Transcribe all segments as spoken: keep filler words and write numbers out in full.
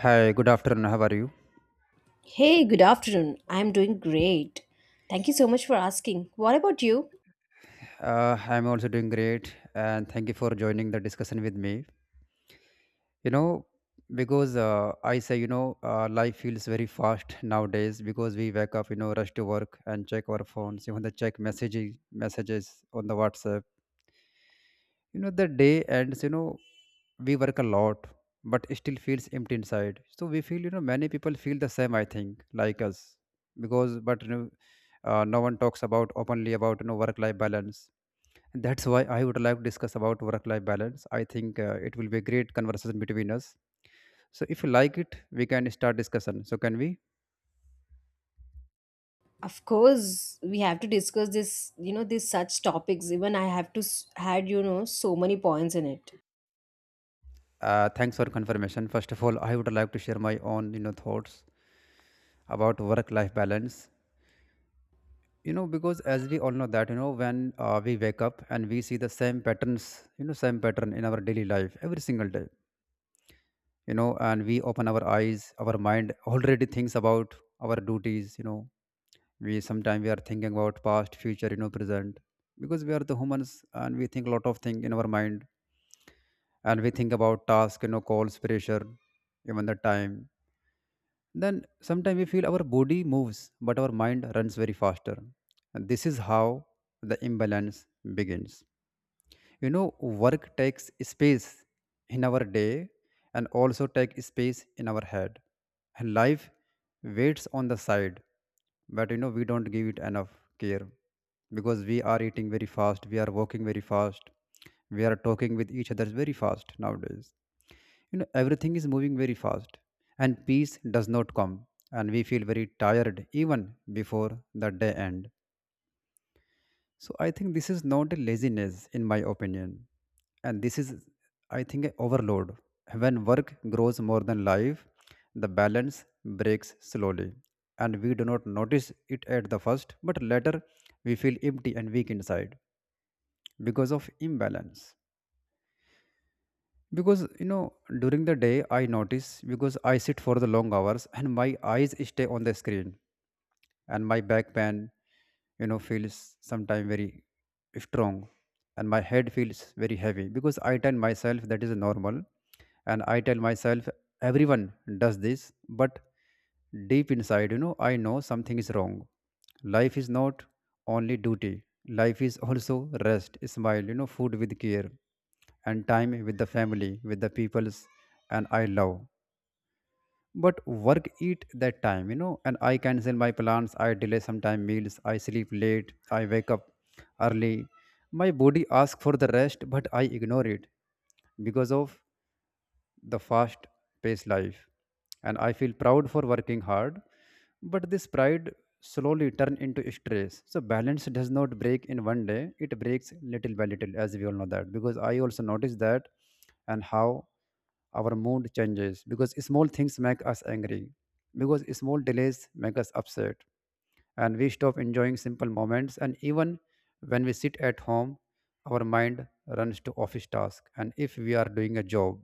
Hi, good afternoon. How are you? Hey, good afternoon. I'm doing great. Thank you so much for asking. What about you? Uh, I'm also doing great, and thank you for joining the discussion with me. You know, because uh, I say, you know, uh, life feels very fast nowadays because we wake up, you know, rush to work and check our phones, even the check messages, messages on the WhatsApp. You know, the day ends. You know, we work a lot, but it still feels empty inside. So we feel, you know, many people feel the same. I think like us because, but you know, uh, no one talks about openly about you know work-life balance. That's why I would like to discuss about work-life balance. I think uh, it will be a great conversation between us. So if you like it, we can start discussion. So can we? Of course, we have to discuss this, you know, these such topics. Even I have to s- had, you know, so many points in it. Uh, thanks for confirmation. First of all, I would like to share my own you know thoughts about work-life balance. You know because as we all know that you know when uh, we wake up and we see the same patterns, you know same pattern in our daily life every single day. You know, and we open our eyes, our mind already thinks about our duties. You know we sometimes we are thinking about past, future, you know present, because we are the humans and we think a lot of things in our mind, and we think about task, you know calls, pressure, even the time. Then sometimes we feel our body moves but our mind runs very faster, and this is how the imbalance begins. you know Work takes space in our day, and also take space in our head, and life waits on the side, but you know we don't give it enough care, because we are eating very fast, we are walking very fast, we are talking with each other very fast nowadays. You know everything is moving very fast, and peace does not come, and we feel very tired even before the day end. So I think this is not a laziness, in my opinion, and this is, I think, a overload. When work grows more than life, the balance breaks slowly, and we do not notice it at the first, but later we feel empty and weak inside because of imbalance. Because you know during the day I notice, because I sit for the long hours and my eyes stay on the screen, and my back pain you know feels sometimes very strong, and my head feels very heavy because I tell myself that is normal, and I tell myself everyone does this. But deep inside, you know, I know something is wrong. Life is not only duty, life is also rest, smile, you know, food with care, and time with the family, with the peoples, and I love. But work eat that time, you know, and I cancel my plans, I delay sometime meals, I sleep late, I wake up early. My body asks for the rest, but I ignore it because of the fast paced life, and I feel proud for working hard, but this pride slowly turn into stress. So balance does not break in one day, it breaks little by little, as we all know that, because I also notice that. And how our mood changes, because small things make us angry, because small delays make us upset, and we stop enjoying simple moments. And even when we sit at home, our mind runs to office task, and if we are doing a job,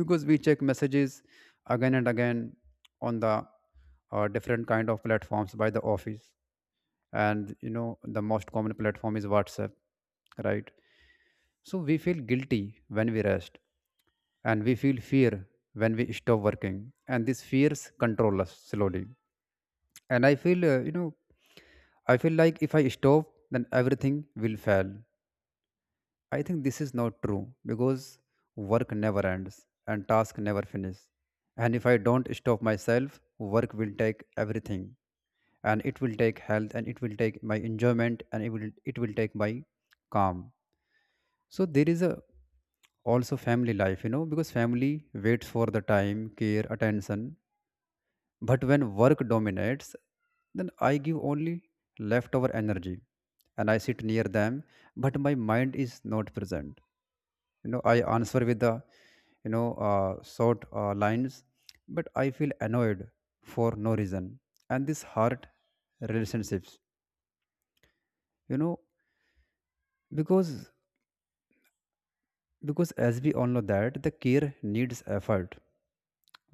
because we check messages again and again on the uh, different kind of platforms by the office. And you know the most common platform is WhatsApp, right? So we feel guilty when we rest, and we feel fear when we stop working, and these fears control us slowly. And i feel uh, you know I feel like if I stop, then everything will fail. I think this is not true because work never ends and task never finish. And if I don't stop myself, work will take everything, and it will take health, and it will take my enjoyment, and it will it will take my calm. So there is a also family life, you know, because family waits for the time, care, attention. But when work dominates, then I give only leftover energy, and I sit near them, but my mind is not present. You know, I answer with the, you know, uh, short uh, lines, but I feel annoyed for no reason. And this hurt relationships, you know, because because as we all know that the care needs effort.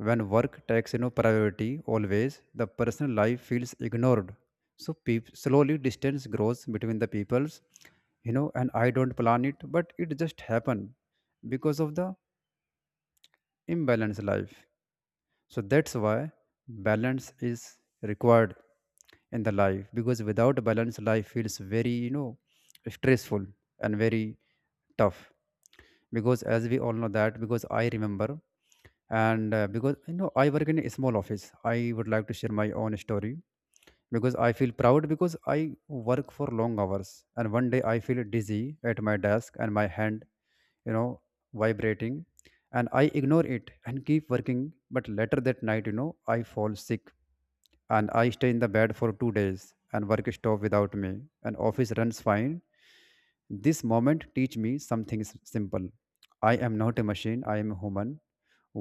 When work takes you know priority always, the personal life feels ignored, so peop slowly distance grows between the peoples. You know and I don't plan it, but it just happened because of the imbalanced life. So that's why balance is required in the life, because without balance life feels very you know stressful and very tough, because as we all know that, because I remember. And uh, because you know I work in a small office, I would like to share my own story, because I feel proud because I work for long hours. And one day I feel dizzy at my desk and my hand you know vibrating, and I ignore it and keep working, but later that night you know I fall sick, and I stay in the bed for two days, and work stop without me, and office runs fine. This moment teach me something s- simple. I am not a machine, I am a human.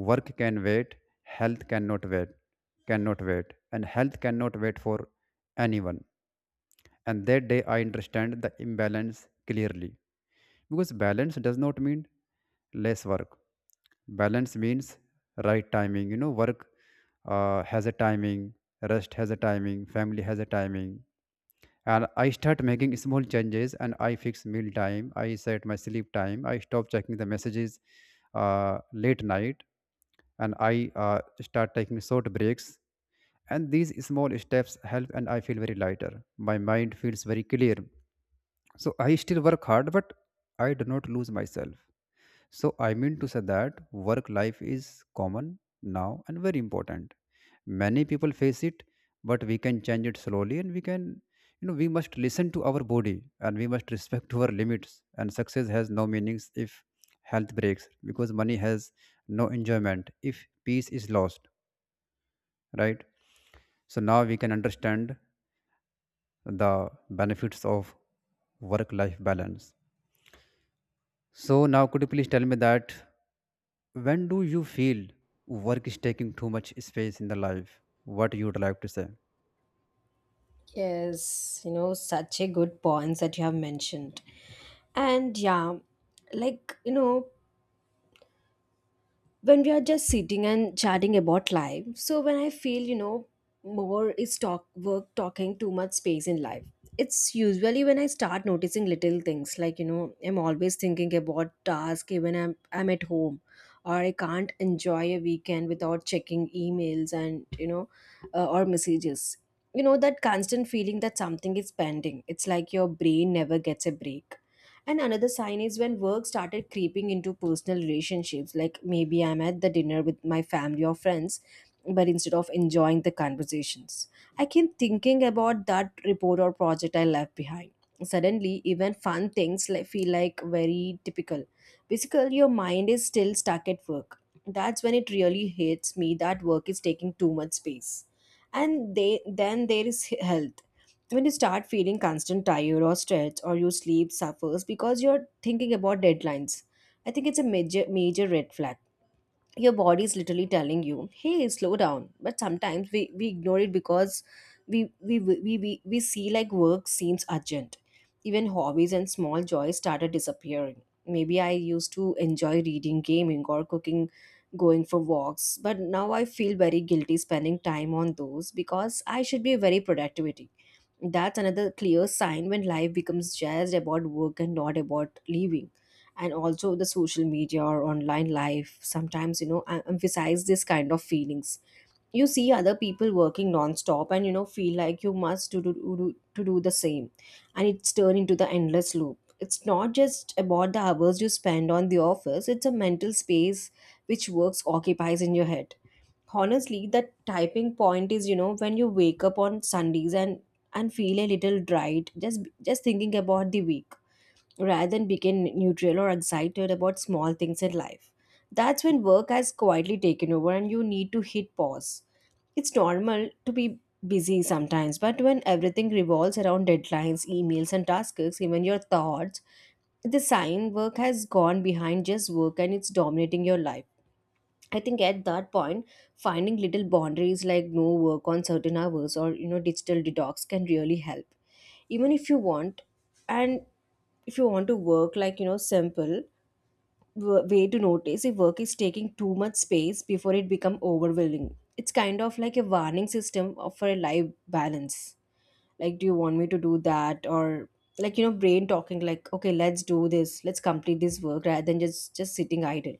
Work can wait, health cannot wait, cannot wait. And health cannot wait for anyone. And that day I understand the imbalance clearly, because balance does not mean less work, balance means right timing. You know work uh, has a timing, rest has a timing, family has a timing. And I start making small changes, and I fix meal time, I set my sleep time, I stop checking the messages uh, late night, and I uh, start taking short breaks. And these small steps help, and I feel very lighter. My mind feels very clear. So I still work hard, but I do not lose myself. So I mean to say that work life is common now and very important. Many people face it, but we can change it slowly, and we can, you know, we must listen to our body, and we must respect our limits. And success has no meanings if health breaks, because money has no enjoyment if peace is lost, right? So now we can understand the benefits of work life balance. So now could you please tell me that when do you feel work is taking too much space in the life, what you would like to say? Yes, you know, such a good points that you have mentioned. And yeah, like, you know, when we are just sitting and chatting about life. So when I feel, you know more is talk work talking too much space in life. It's usually when I start noticing little things like, you know I'm always thinking about task, even i'm, I'm at home, or I can't enjoy a weekend without checking emails and, you know uh, or messages. You know that constant feeling that something is pending, it's like your brain never gets a break. And another sign is when work started creeping into personal relationships. Like maybe I'm at the dinner with my family or friends, but instead of enjoying the conversations, I keep thinking about that report or project I left behind. Suddenly, even fun things like, feel like very typical. Basically, your mind is still stuck at work. That's when it really hits me that work is taking too much space. And they, then there is health, when you start feeling constant tired or stretch or your sleep suffers because you're thinking about deadlines. I think it's a major major red flag. Your body is literally telling you, hey, slow down, but sometimes we, we ignore it because we we, we we we see like work seems urgent. Even hobbies and small joys started disappearing. Maybe I used to enjoy reading, gaming or cooking, going for walks, but now I feel very guilty spending time on those because I should be very productive. That's another clear sign when life becomes just about work and not about living. And also, the social media or online life sometimes, you know, em- emphasize this kind of feelings. You see other people working non-stop and, you know, feel like you must do, do, do, to do the same. And it's turned into the endless loop. It's not just about the hours you spend on the office, it's a mental space which works occupies in your head. Honestly, that typing point is, you know when you wake up on Sundays and and feel a little dried, just just thinking about the week rather than become neutral or excited about small things in life. That's when work has quietly taken over and you need to hit pause. It's normal to be busy sometimes, but when everything revolves around deadlines, emails and tasks, even your thoughts, the sign work has gone behind just work and it's dominating your life. I think at that point, finding little boundaries like no work on certain hours or, you know digital detox can really help. Even if you want, and if you want to work like, you know simple w- way to notice if work is taking too much space before it become overwhelming. It's kind of like a warning system of- for a life balance. Like, do you want me to do that? Or like, you know brain talking like, okay, let's do this, let's complete this work rather than just just sitting idle.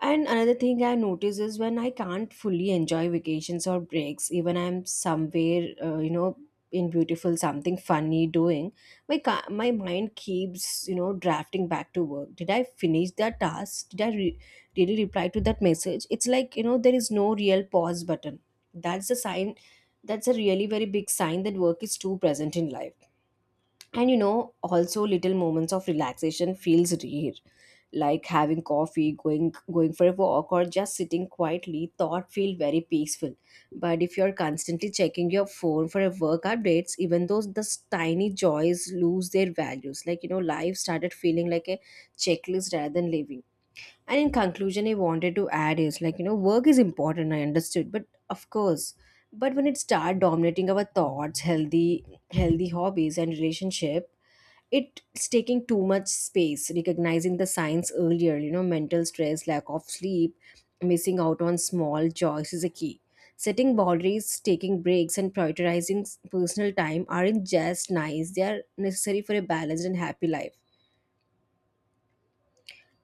And another thing I notice is when I can't fully enjoy vacations or breaks, even I'm somewhere, uh, you know, in beautiful something funny doing. My ca- my mind keeps, you know drafting back to work. Did I finish that task? Did I re- really reply to that message? It's like, you know there is no real pause button. That's a sign. That's a really very big sign that work is too present in life. And, you know also little moments of relaxation feels rare, like having coffee, going going for a walk or just sitting quietly, thought feel very peaceful. But if you're constantly checking your phone for a work updates, even though those tiny joys lose their values, like, you know life started feeling like a checklist rather than living. And in conclusion, I wanted to add is like, you know work is important, I understood, but of course, but when it start dominating our thoughts, healthy healthy hobbies and relationship, it's taking too much space. Recognizing the signs earlier, you know mental stress, lack of sleep, missing out on small joys is a key. Setting boundaries, taking breaks and prioritizing s- personal time aren't just nice, they are necessary for a balanced and happy life.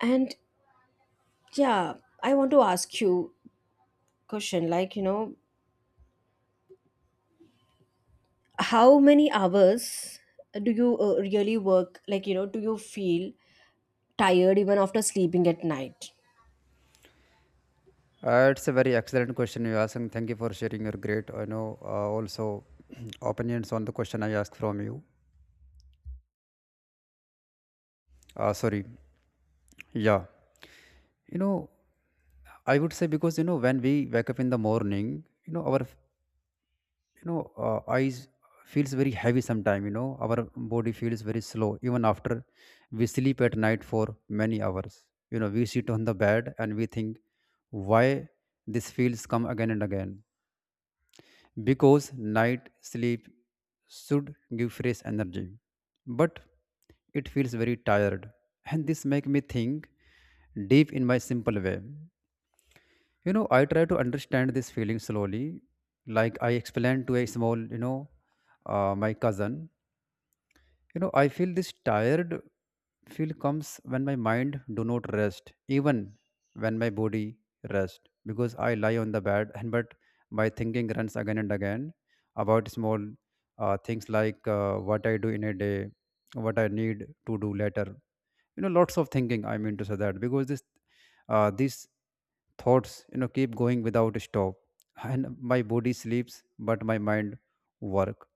And yeah, I want to ask you question like, you know how many hours do you uh, really work? Like, you know do you feel tired even after sleeping at night? Uh, it's a very excellent question you asked, and thank you for sharing your great, I know, uh, also opinions on the question I asked from you. Uh, sorry. Yeah. you know I would say, because you know when we wake up in the morning, you know our f- you know uh, eyes feels very heavy sometime. You know our body feels very slow even after we sleep at night for many hours. You know we sit on the bed and we think, why this feels come again and again, because night sleep should give fresh energy but it feels very tired. And this make me think deep in my simple way. you know, I try to understand this feeling slowly. Like I explained to a small, you know, uh, my cousin. You know, I feel this tired feel comes when my mind do not rest, even when my body rest, because I lie on the bed, and but my thinking runs again and again about small uh, things, like uh, what I do in a day, what I need to do later. You know lots of thinking. I mean to say that, because this uh, these thoughts you know keep going without stop, and my body sleeps but my mind work.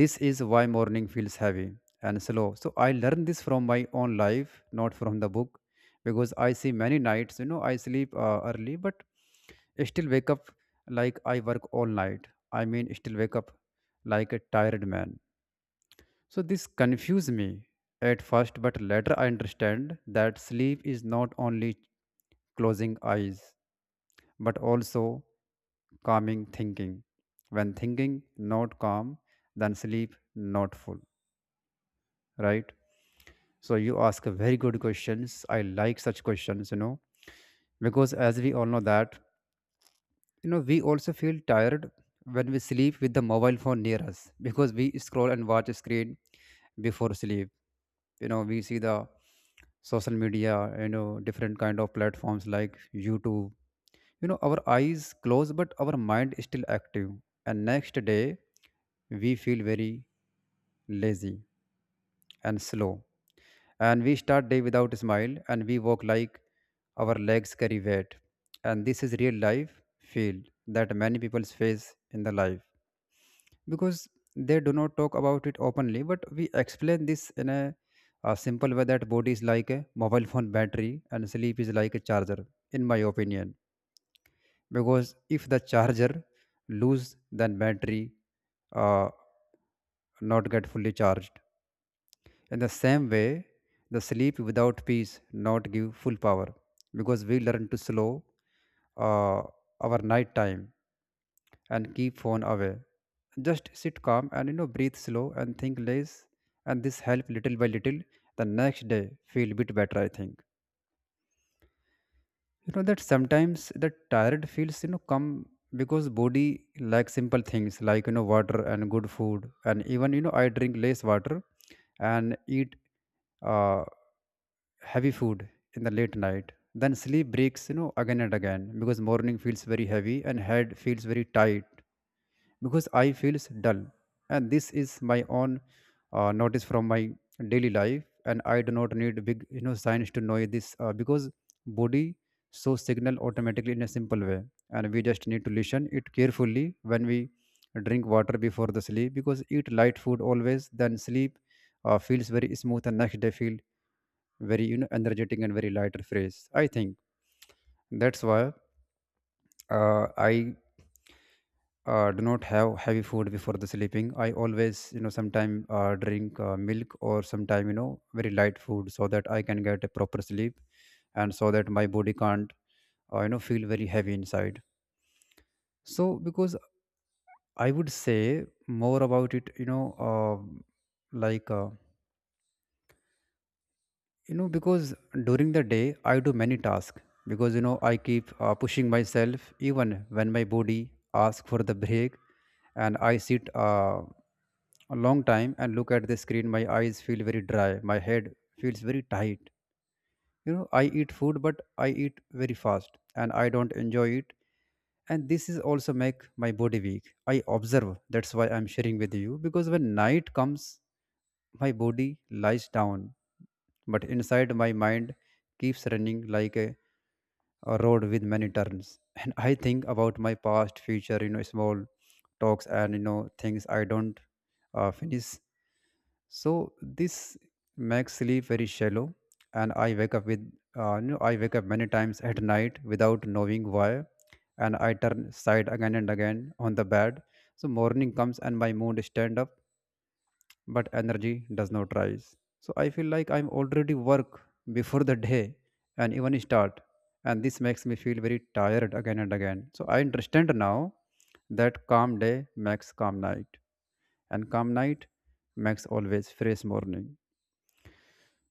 This is why morning feels heavy and slow. So I learned this from my own life, not from the book, because I see many nights you know I sleep uh, early but still wake up like I work all night. I mean, still wake up like a tired man. So this confused me at first, but later I understand that sleep is not only closing eyes, but also calming thinking. When thinking not calm, then sleep not full, right? So you ask a very good questions. I like such questions, you know, because as we all know that, you know, we also feel tired when we sleep with the mobile phone near us because we scroll and watch a screen before sleep. You know, we see the social media, you know, different kind of platforms like YouTube. You know, our eyes closed but our mind is still active, and next day we feel very lazy and slow, and we start day without a smile, and we walk like our legs carry weight, and this is real life feel that many people face in the life because they do not talk about it openly. But we explain this in a, a simple way that body is like a mobile phone battery and sleep is like a charger, in my opinion. Because if the charger lose, then battery uh, not get fully charged. In the same way, the sleep without peace not give full power because we learn to slow uh, our night time and keep phone away. Just sit calm and, you know, breathe slow and think less, and this help little by little the next day feel bit better, I think. You know that sometimes the tired feels, you know, come because body like simple things like, you know, water and good food, and even, you know, I drink less water and eat uh, heavy food in the late night, then sleep breaks, you know, again and again because morning feels very heavy and head feels very tight because I feels dull, and this is my own uh, notice from my daily life, and I do not need big, you know, science to know this uh, because body shows signal automatically in a simple way, and we just need to listen it carefully when we drink water before the sleep because eat light food always, then sleep uh, feels very smooth and next day feel very, you know, energetic and very lighter fresh. I think that's why uh, I uh, do not have heavy food before the sleeping. I always, you know, sometime uh, drink uh, milk or sometime, you know, very light food, so that I can get a proper sleep, and so that my body can't uh, you know, feel very heavy inside. So because I would say more about it, you know, uh, like uh, you know, because during the day I do many tasks because, you know, I keep uh, pushing myself even when my body asks for the break. And I sit uh, a long time and look at the screen. My eyes feel very dry, my head feels very tight. You know, I eat food but I eat very fast and I don't enjoy it, and this is also make my body weak, I observe. That's why I'm sharing with you, because when night comes, my body lies down, but inside my mind keeps running like a, a road with many turns and I think about my past, future, you know, small talks and, you know, things I don't uh, finish. So this makes sleep very shallow, and I wake up with uh, you know, I wake up many times at night without knowing why, and I turn side again and again on the bed. So morning comes and my mood stand up but energy does not rise. So I feel like I'm already work before the day and even start. And this makes me feel very tired again and again. So I understand now that calm day makes calm night. And calm night makes always fresh morning.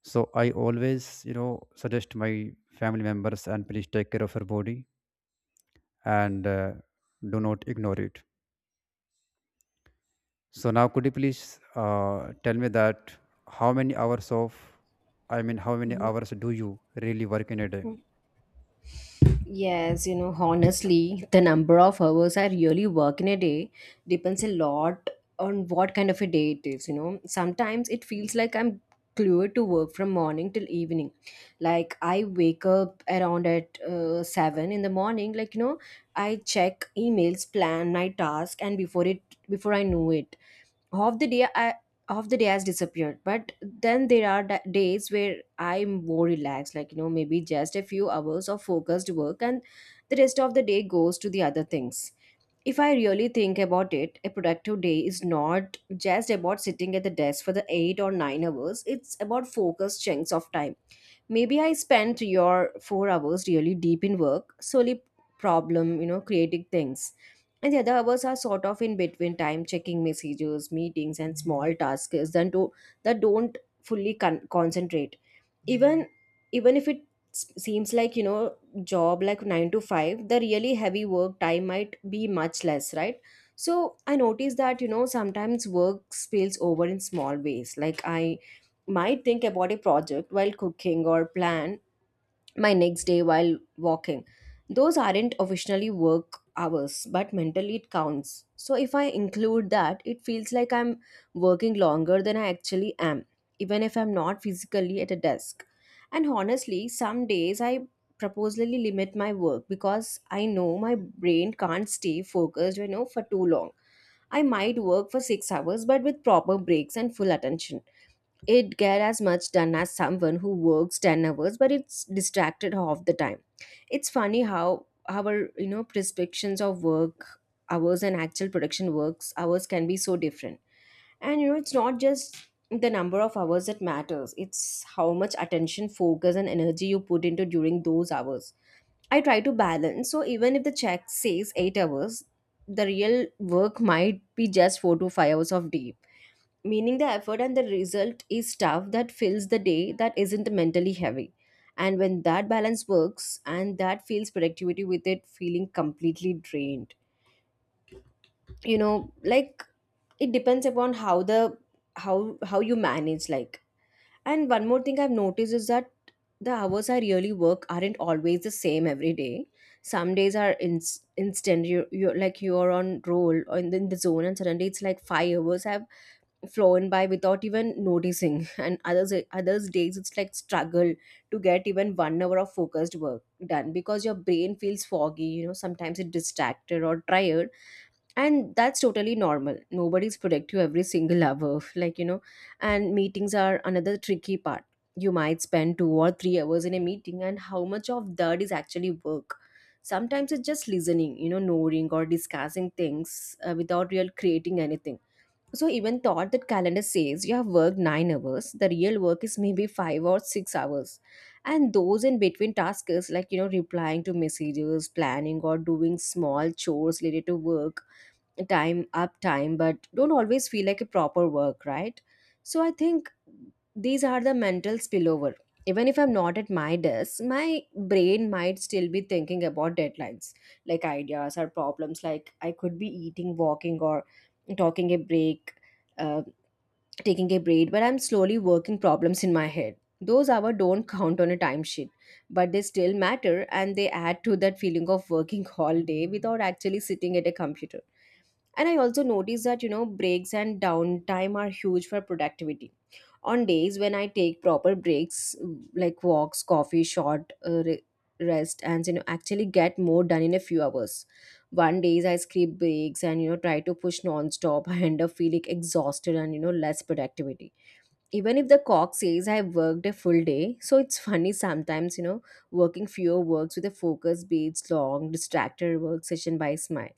So I always, you know, suggest my family members and please take care of your body, and uh, do not ignore it. So now, could you please uh, tell me that how many hours of, I mean, how many hours do you really work in a day? Yes, you know, honestly, the number of hours I really work in a day depends a lot on what kind of a day it is, you know. Sometimes it feels like I'm glued to work from morning till evening. Like I wake up around at uh, seven in the morning, like, you know, I check emails, plan my task and before it before I know it, half the day I half the day has disappeared. But then there are da- days where I'm more relaxed, like, you know maybe just a few hours of focused work and the rest of the day goes to the other things. If I really think about it, a productive day is not just about sitting at the desk for the eight or nine hours, it's about focused chunks of time. Maybe I spent your four hours really deep in work, solely problem, you know creating things. And the other hours are sort of in between time, checking messages, meetings and small tasks that, do, that don't fully con- concentrate. Even even if it s- seems like, you know job like nine to five, the really heavy work time might be much less, right? So I noticed that, you know sometimes work spills over in small ways like I might think about a project while cooking or plan my next day while walking. Those aren't officially work hours, but mentally it counts. So if I include that, it feels like I'm working longer than I actually am, even if I'm not physically at a desk. And honestly, some days I purposely limit my work because I know my brain can't stay focused, you know, for too long. I might work for six hours but with proper breaks and full attention it get as much done as someone who works ten hours but it's distracted half the time. It's funny how our, you know prescriptions of work hours and actual production works hours can be so different. And, you know it's not just the number of hours that matters, it's how much attention, focus and energy you put into during those hours. I try to balance, so even if the check says eight hours, the real work might be just four to five hours of day, meaning the effort and the result is stuff that fills the day that isn't mentally heavy. And when that balance works and that feels productivity with it feeling completely drained, you know like it depends upon how the, how how you manage, like. And one more thing I've noticed is that the hours I really work aren't always the same every day. Some days are in, instant, you, you're like you're on roll or in the, in the zone, and suddenly it's like five hours I've flown by without even noticing and others others days it's like struggle to get even one hour of focused work done because your brain feels foggy, you know sometimes it's distracted or tired. And that's totally normal, nobody's productive every single hour like, you know and meetings are another tricky part. You might spend two or three hours in a meeting, and how much of that is actually work? Sometimes it's just listening, you know nodding or discussing things, uh, without real creating anything. So even thought that calendar says you have worked nine hours, the real work is maybe five or six hours. And those in between tasks like, you know replying to messages, planning or doing small chores related to work time up time, but don't always feel like a proper work, right? So I think these are the mental spillover, even if I'm not at my desk, my brain might still be thinking about deadlines, like ideas or problems. Like, I could be eating, walking or talking a break uh, taking a break, but I'm slowly working problems in my head. Those hours don't count on a timesheet, but they still matter and they add to that feeling of working all day without actually sitting at a computer. And I also noticed that, you know, breaks and downtime are huge for productivity. On days when I take proper breaks, like walks, coffee, short uh, re- rest, and, you know, actually get more done in a few hours. One days I skip breaks and, you know, try to push non-stop. I end up feeling exhausted and, you know, less productivity. Even if the clock says I worked a full day. So it's funny sometimes, you know, working fewer works with a focus beats long, distracted work session by smile.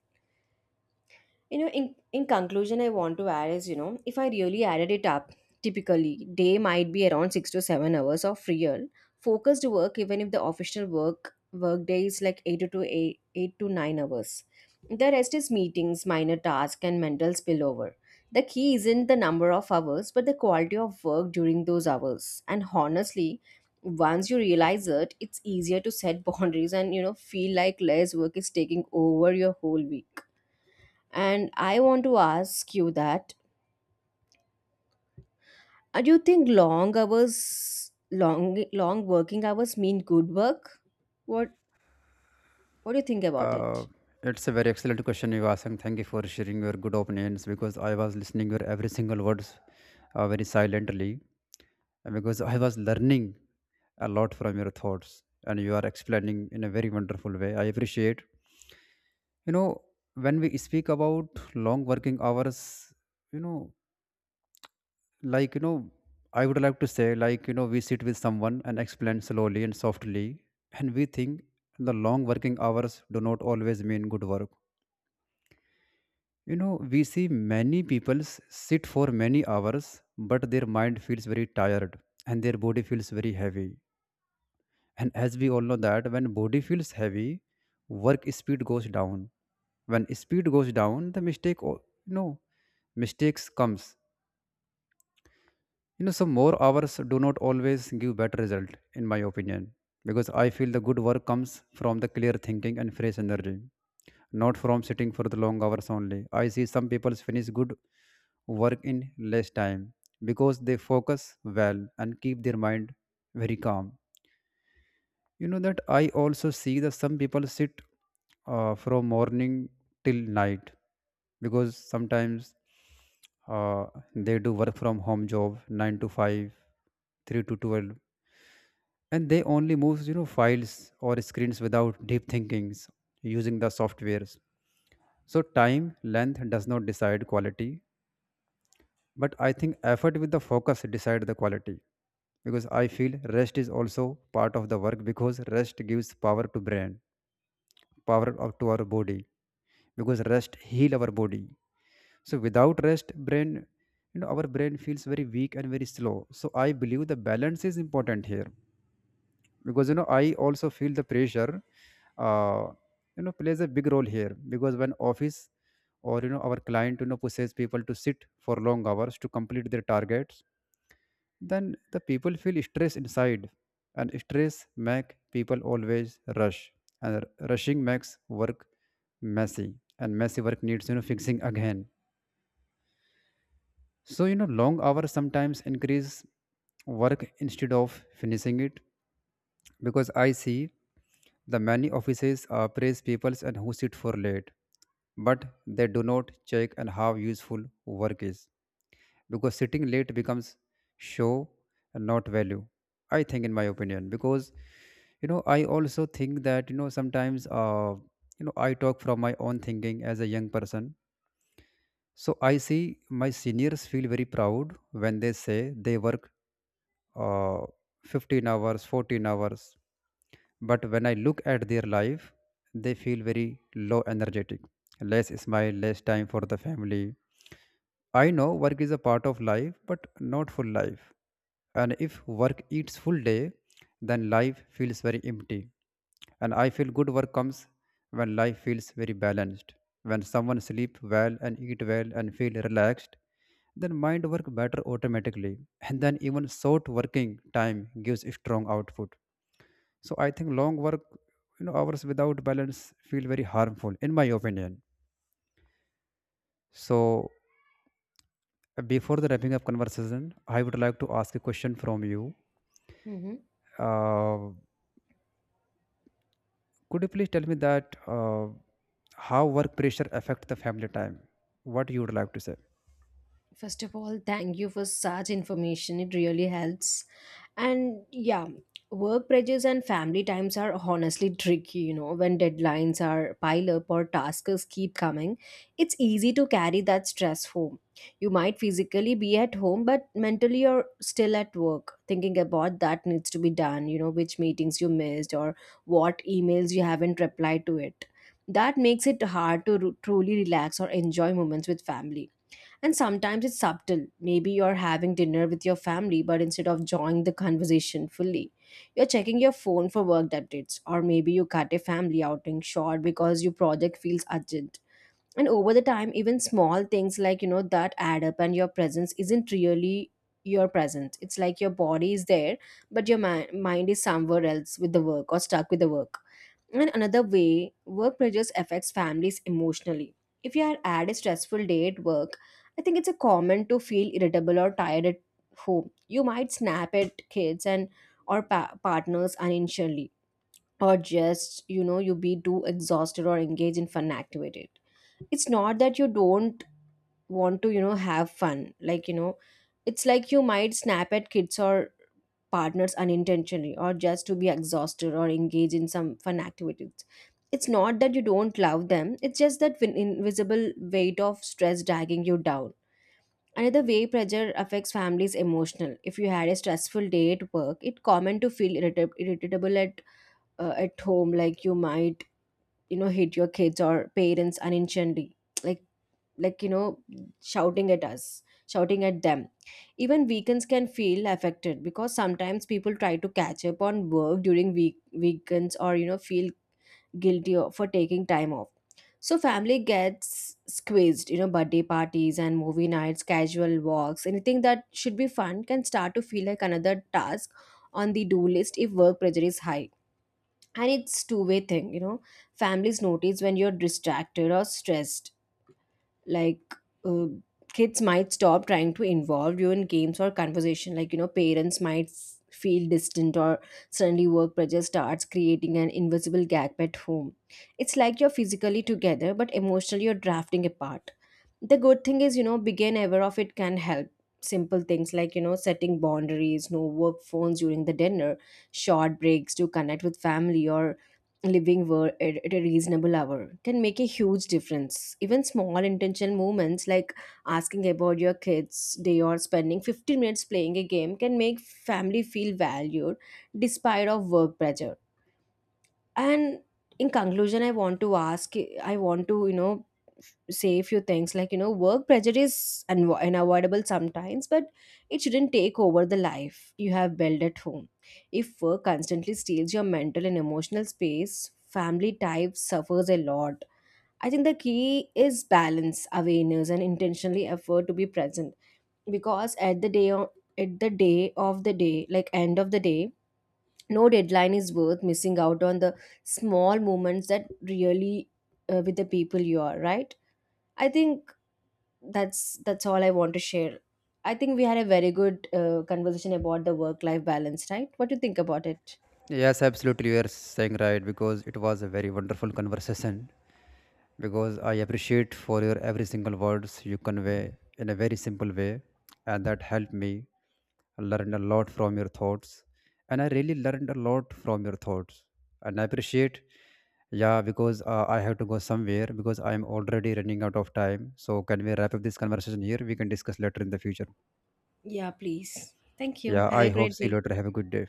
You know in, in conclusion, I want to add is you know if I really added it up, typically day might be around six to seven hours of real focused work, even if the official work work day is like 8 to 8, eight to nine hours. The rest is meetings, minor tasks and mental spillover. The key isn't the number of hours but the quality of work during those hours. And honestly, once you realize it, it's easier to set boundaries and you know feel like less work is taking over your whole week. And I want to ask you that, uh, do you think long hours, long long working hours mean good work? What what do you think about Uh, it? it's a very excellent question you asked, and thank you for sharing your good opinions because I was listening your every single words uh, very silently, and because I was learning a lot from your thoughts, and you are explaining in a very wonderful way. I appreciate. You know, when we speak about long working hours, you know, like you know I would like to say, like, you know, we sit with someone and explain slowly and softly, and we think the long working hours do not always mean good work. You know, we see many people s- sit for many hours, but their mind feels very tired and their body feels very heavy. And as we all know that, when body feels heavy, work speed goes down. When speed goes down, the mistake o- you know, mistakes comes. You know, some more hours do not always give better result, in my opinion. Because I feel the good work comes from the clear thinking and fresh energy, not from sitting for the long hours only. I see some people finish good work in less time because they focus well and keep their mind very calm. You know that, I also see that some people sit uh, from morning till night because sometimes uh, they do work from home job 9 to 5, 3 to twelve, and they only move, you know, files or screens without deep thinkings, using the softwares. So time length does not decide quality, but I think effort with the focus decide the quality. Because I feel rest is also part of the work, because rest gives power to brain, power of- to our body, because rest heal our body. So without rest brain, you know, our brain feels very weak and very slow. So I believe the balance is important here, because, you know, I also feel the pressure uh, you know, plays a big role here because when office or, you know, our client, you know, pushes people to sit for long hours to complete their targets, then the people feel stress inside. And stress make people always rush, and r- rushing makes work messy, and messy work needs, you know, fixing again. So, you know, long hours sometimes increase work instead of finishing it. Because I see the many offices uh, praise peoples and who sit for late, but they do not check and how useful work is. Because sitting late becomes show and not value, I think, in my opinion. Because, you know, I also think that, you know, sometimes uh, you know, I talk from my own thinking as a young person. So I see my seniors feel very proud when they say they work uh, fifteen hours, fourteen hours. But when I look at their life, they feel very low energetic, less smile, less time for the family. I know work is a part of life but not full life. And if work eats full day, then life feels very empty. And I feel good work comes when life feels very balanced. When someone sleep well and eat well and feel relaxed, then mind work better automatically. And then even short working time gives strong output. So I think long work, you know, hours without balance feel very harmful, in my opinion. So before the wrapping up conversation, I would like to ask a question from you. uh, Could you please tell me that, uh, how work pressure affect the family time? What you would like to say? First of all, thank you for such information. It really helps. And yeah, work pressures and family times are honestly tricky, you know, when deadlines are pile up or tasks keep coming. It's easy to carry that stress home. You might physically be at home, but mentally you're still at work, thinking about that needs to be done, you know, which meetings you missed or what emails you haven't replied to it. That makes it hard to ru- truly relax or enjoy moments with family. And sometimes it's subtle. Maybe you're having dinner with your family, but instead of joining the conversation fully, you're checking your phone for work updates. Or maybe you cut a family outing short because your project feels urgent. And over the time, even small things like, you know, that add up, and your presence isn't really your presence. It's like your body is there, but your mi- mind is somewhere else with the work or stuck with the work. And another way work pressures affects families emotionally. If you are had a stressful day at work, I think it's a common to feel irritable or tired at home. You might snap at kids and or pa- partners unintentionally, or just you know you be too exhausted or engaged in fun activity. It's not that you don't want to you know have fun, like you know, it's like you might snap at kids or partners unintentionally or just to be exhausted or engage in some fun activities. It's not that you don't love them, it's just that win- invisible weight of stress dragging you down. Another way pressure affects families emotional, if you had a stressful day at work, it's common to feel irritab- irritable at uh, at home. Like you might you know hit your kids or parents unintentionally, like, like you know shouting at us, shouting at them. Even weekends can feel affected, because sometimes people try to catch up on work during week weekends, or you know feel guilty o- for taking time off. So family gets squeezed, you know, birthday parties and movie nights, casual walks, anything that should be fun can start to feel like another task on the do list if work pressure is high. And it's two-way thing, you know. Families notice when you're distracted or stressed, like, uh, kids might stop trying to involve you in games or conversation. Like you know, parents might s- feel distant, or suddenly work pressure starts creating an invisible gap at home. It's like you're physically together but emotionally you're drafting apart. The good thing is, you know, begin ever of it can help. Simple things like, you know, setting boundaries, no work phones during the dinner, short breaks to connect with family, or living wor- at at a reasonable hour can make a huge difference. Even small intentional movements, like asking about your kids day or spending fifteen minutes playing a game, can make family feel valued despite of work pressure. And in conclusion, i want to ask I want to you know say a few things, like you know, work pressure is unavo- unavoidable sometimes, but it shouldn't take over the life you have built at home. If work constantly steals your mental and emotional space, family type suffers a lot. I think the key is balance, awareness and intentionally effort to be present. Because at the day o- at the day of the day, like end of the day, no deadline is worth missing out on the small moments that really uh, with the people you are right. I think that's that's all I want to share. I think we had a very good uh, conversation about the work life balance, right? What do you think about it? Yes, absolutely. You are saying right because it was a very wonderful conversation. Because I appreciate for your every single words you convey in a very simple way, and that helped me learn a lot from your thoughts. And I really learned a lot from your thoughts, and I appreciate. Yeah, because uh, I have to go somewhere because I am already running out of time. So can we wrap up this conversation here? We can discuss later in the future. Yeah, please. Thank you. Yeah, Have a I hope great see you day. later. Have a good day.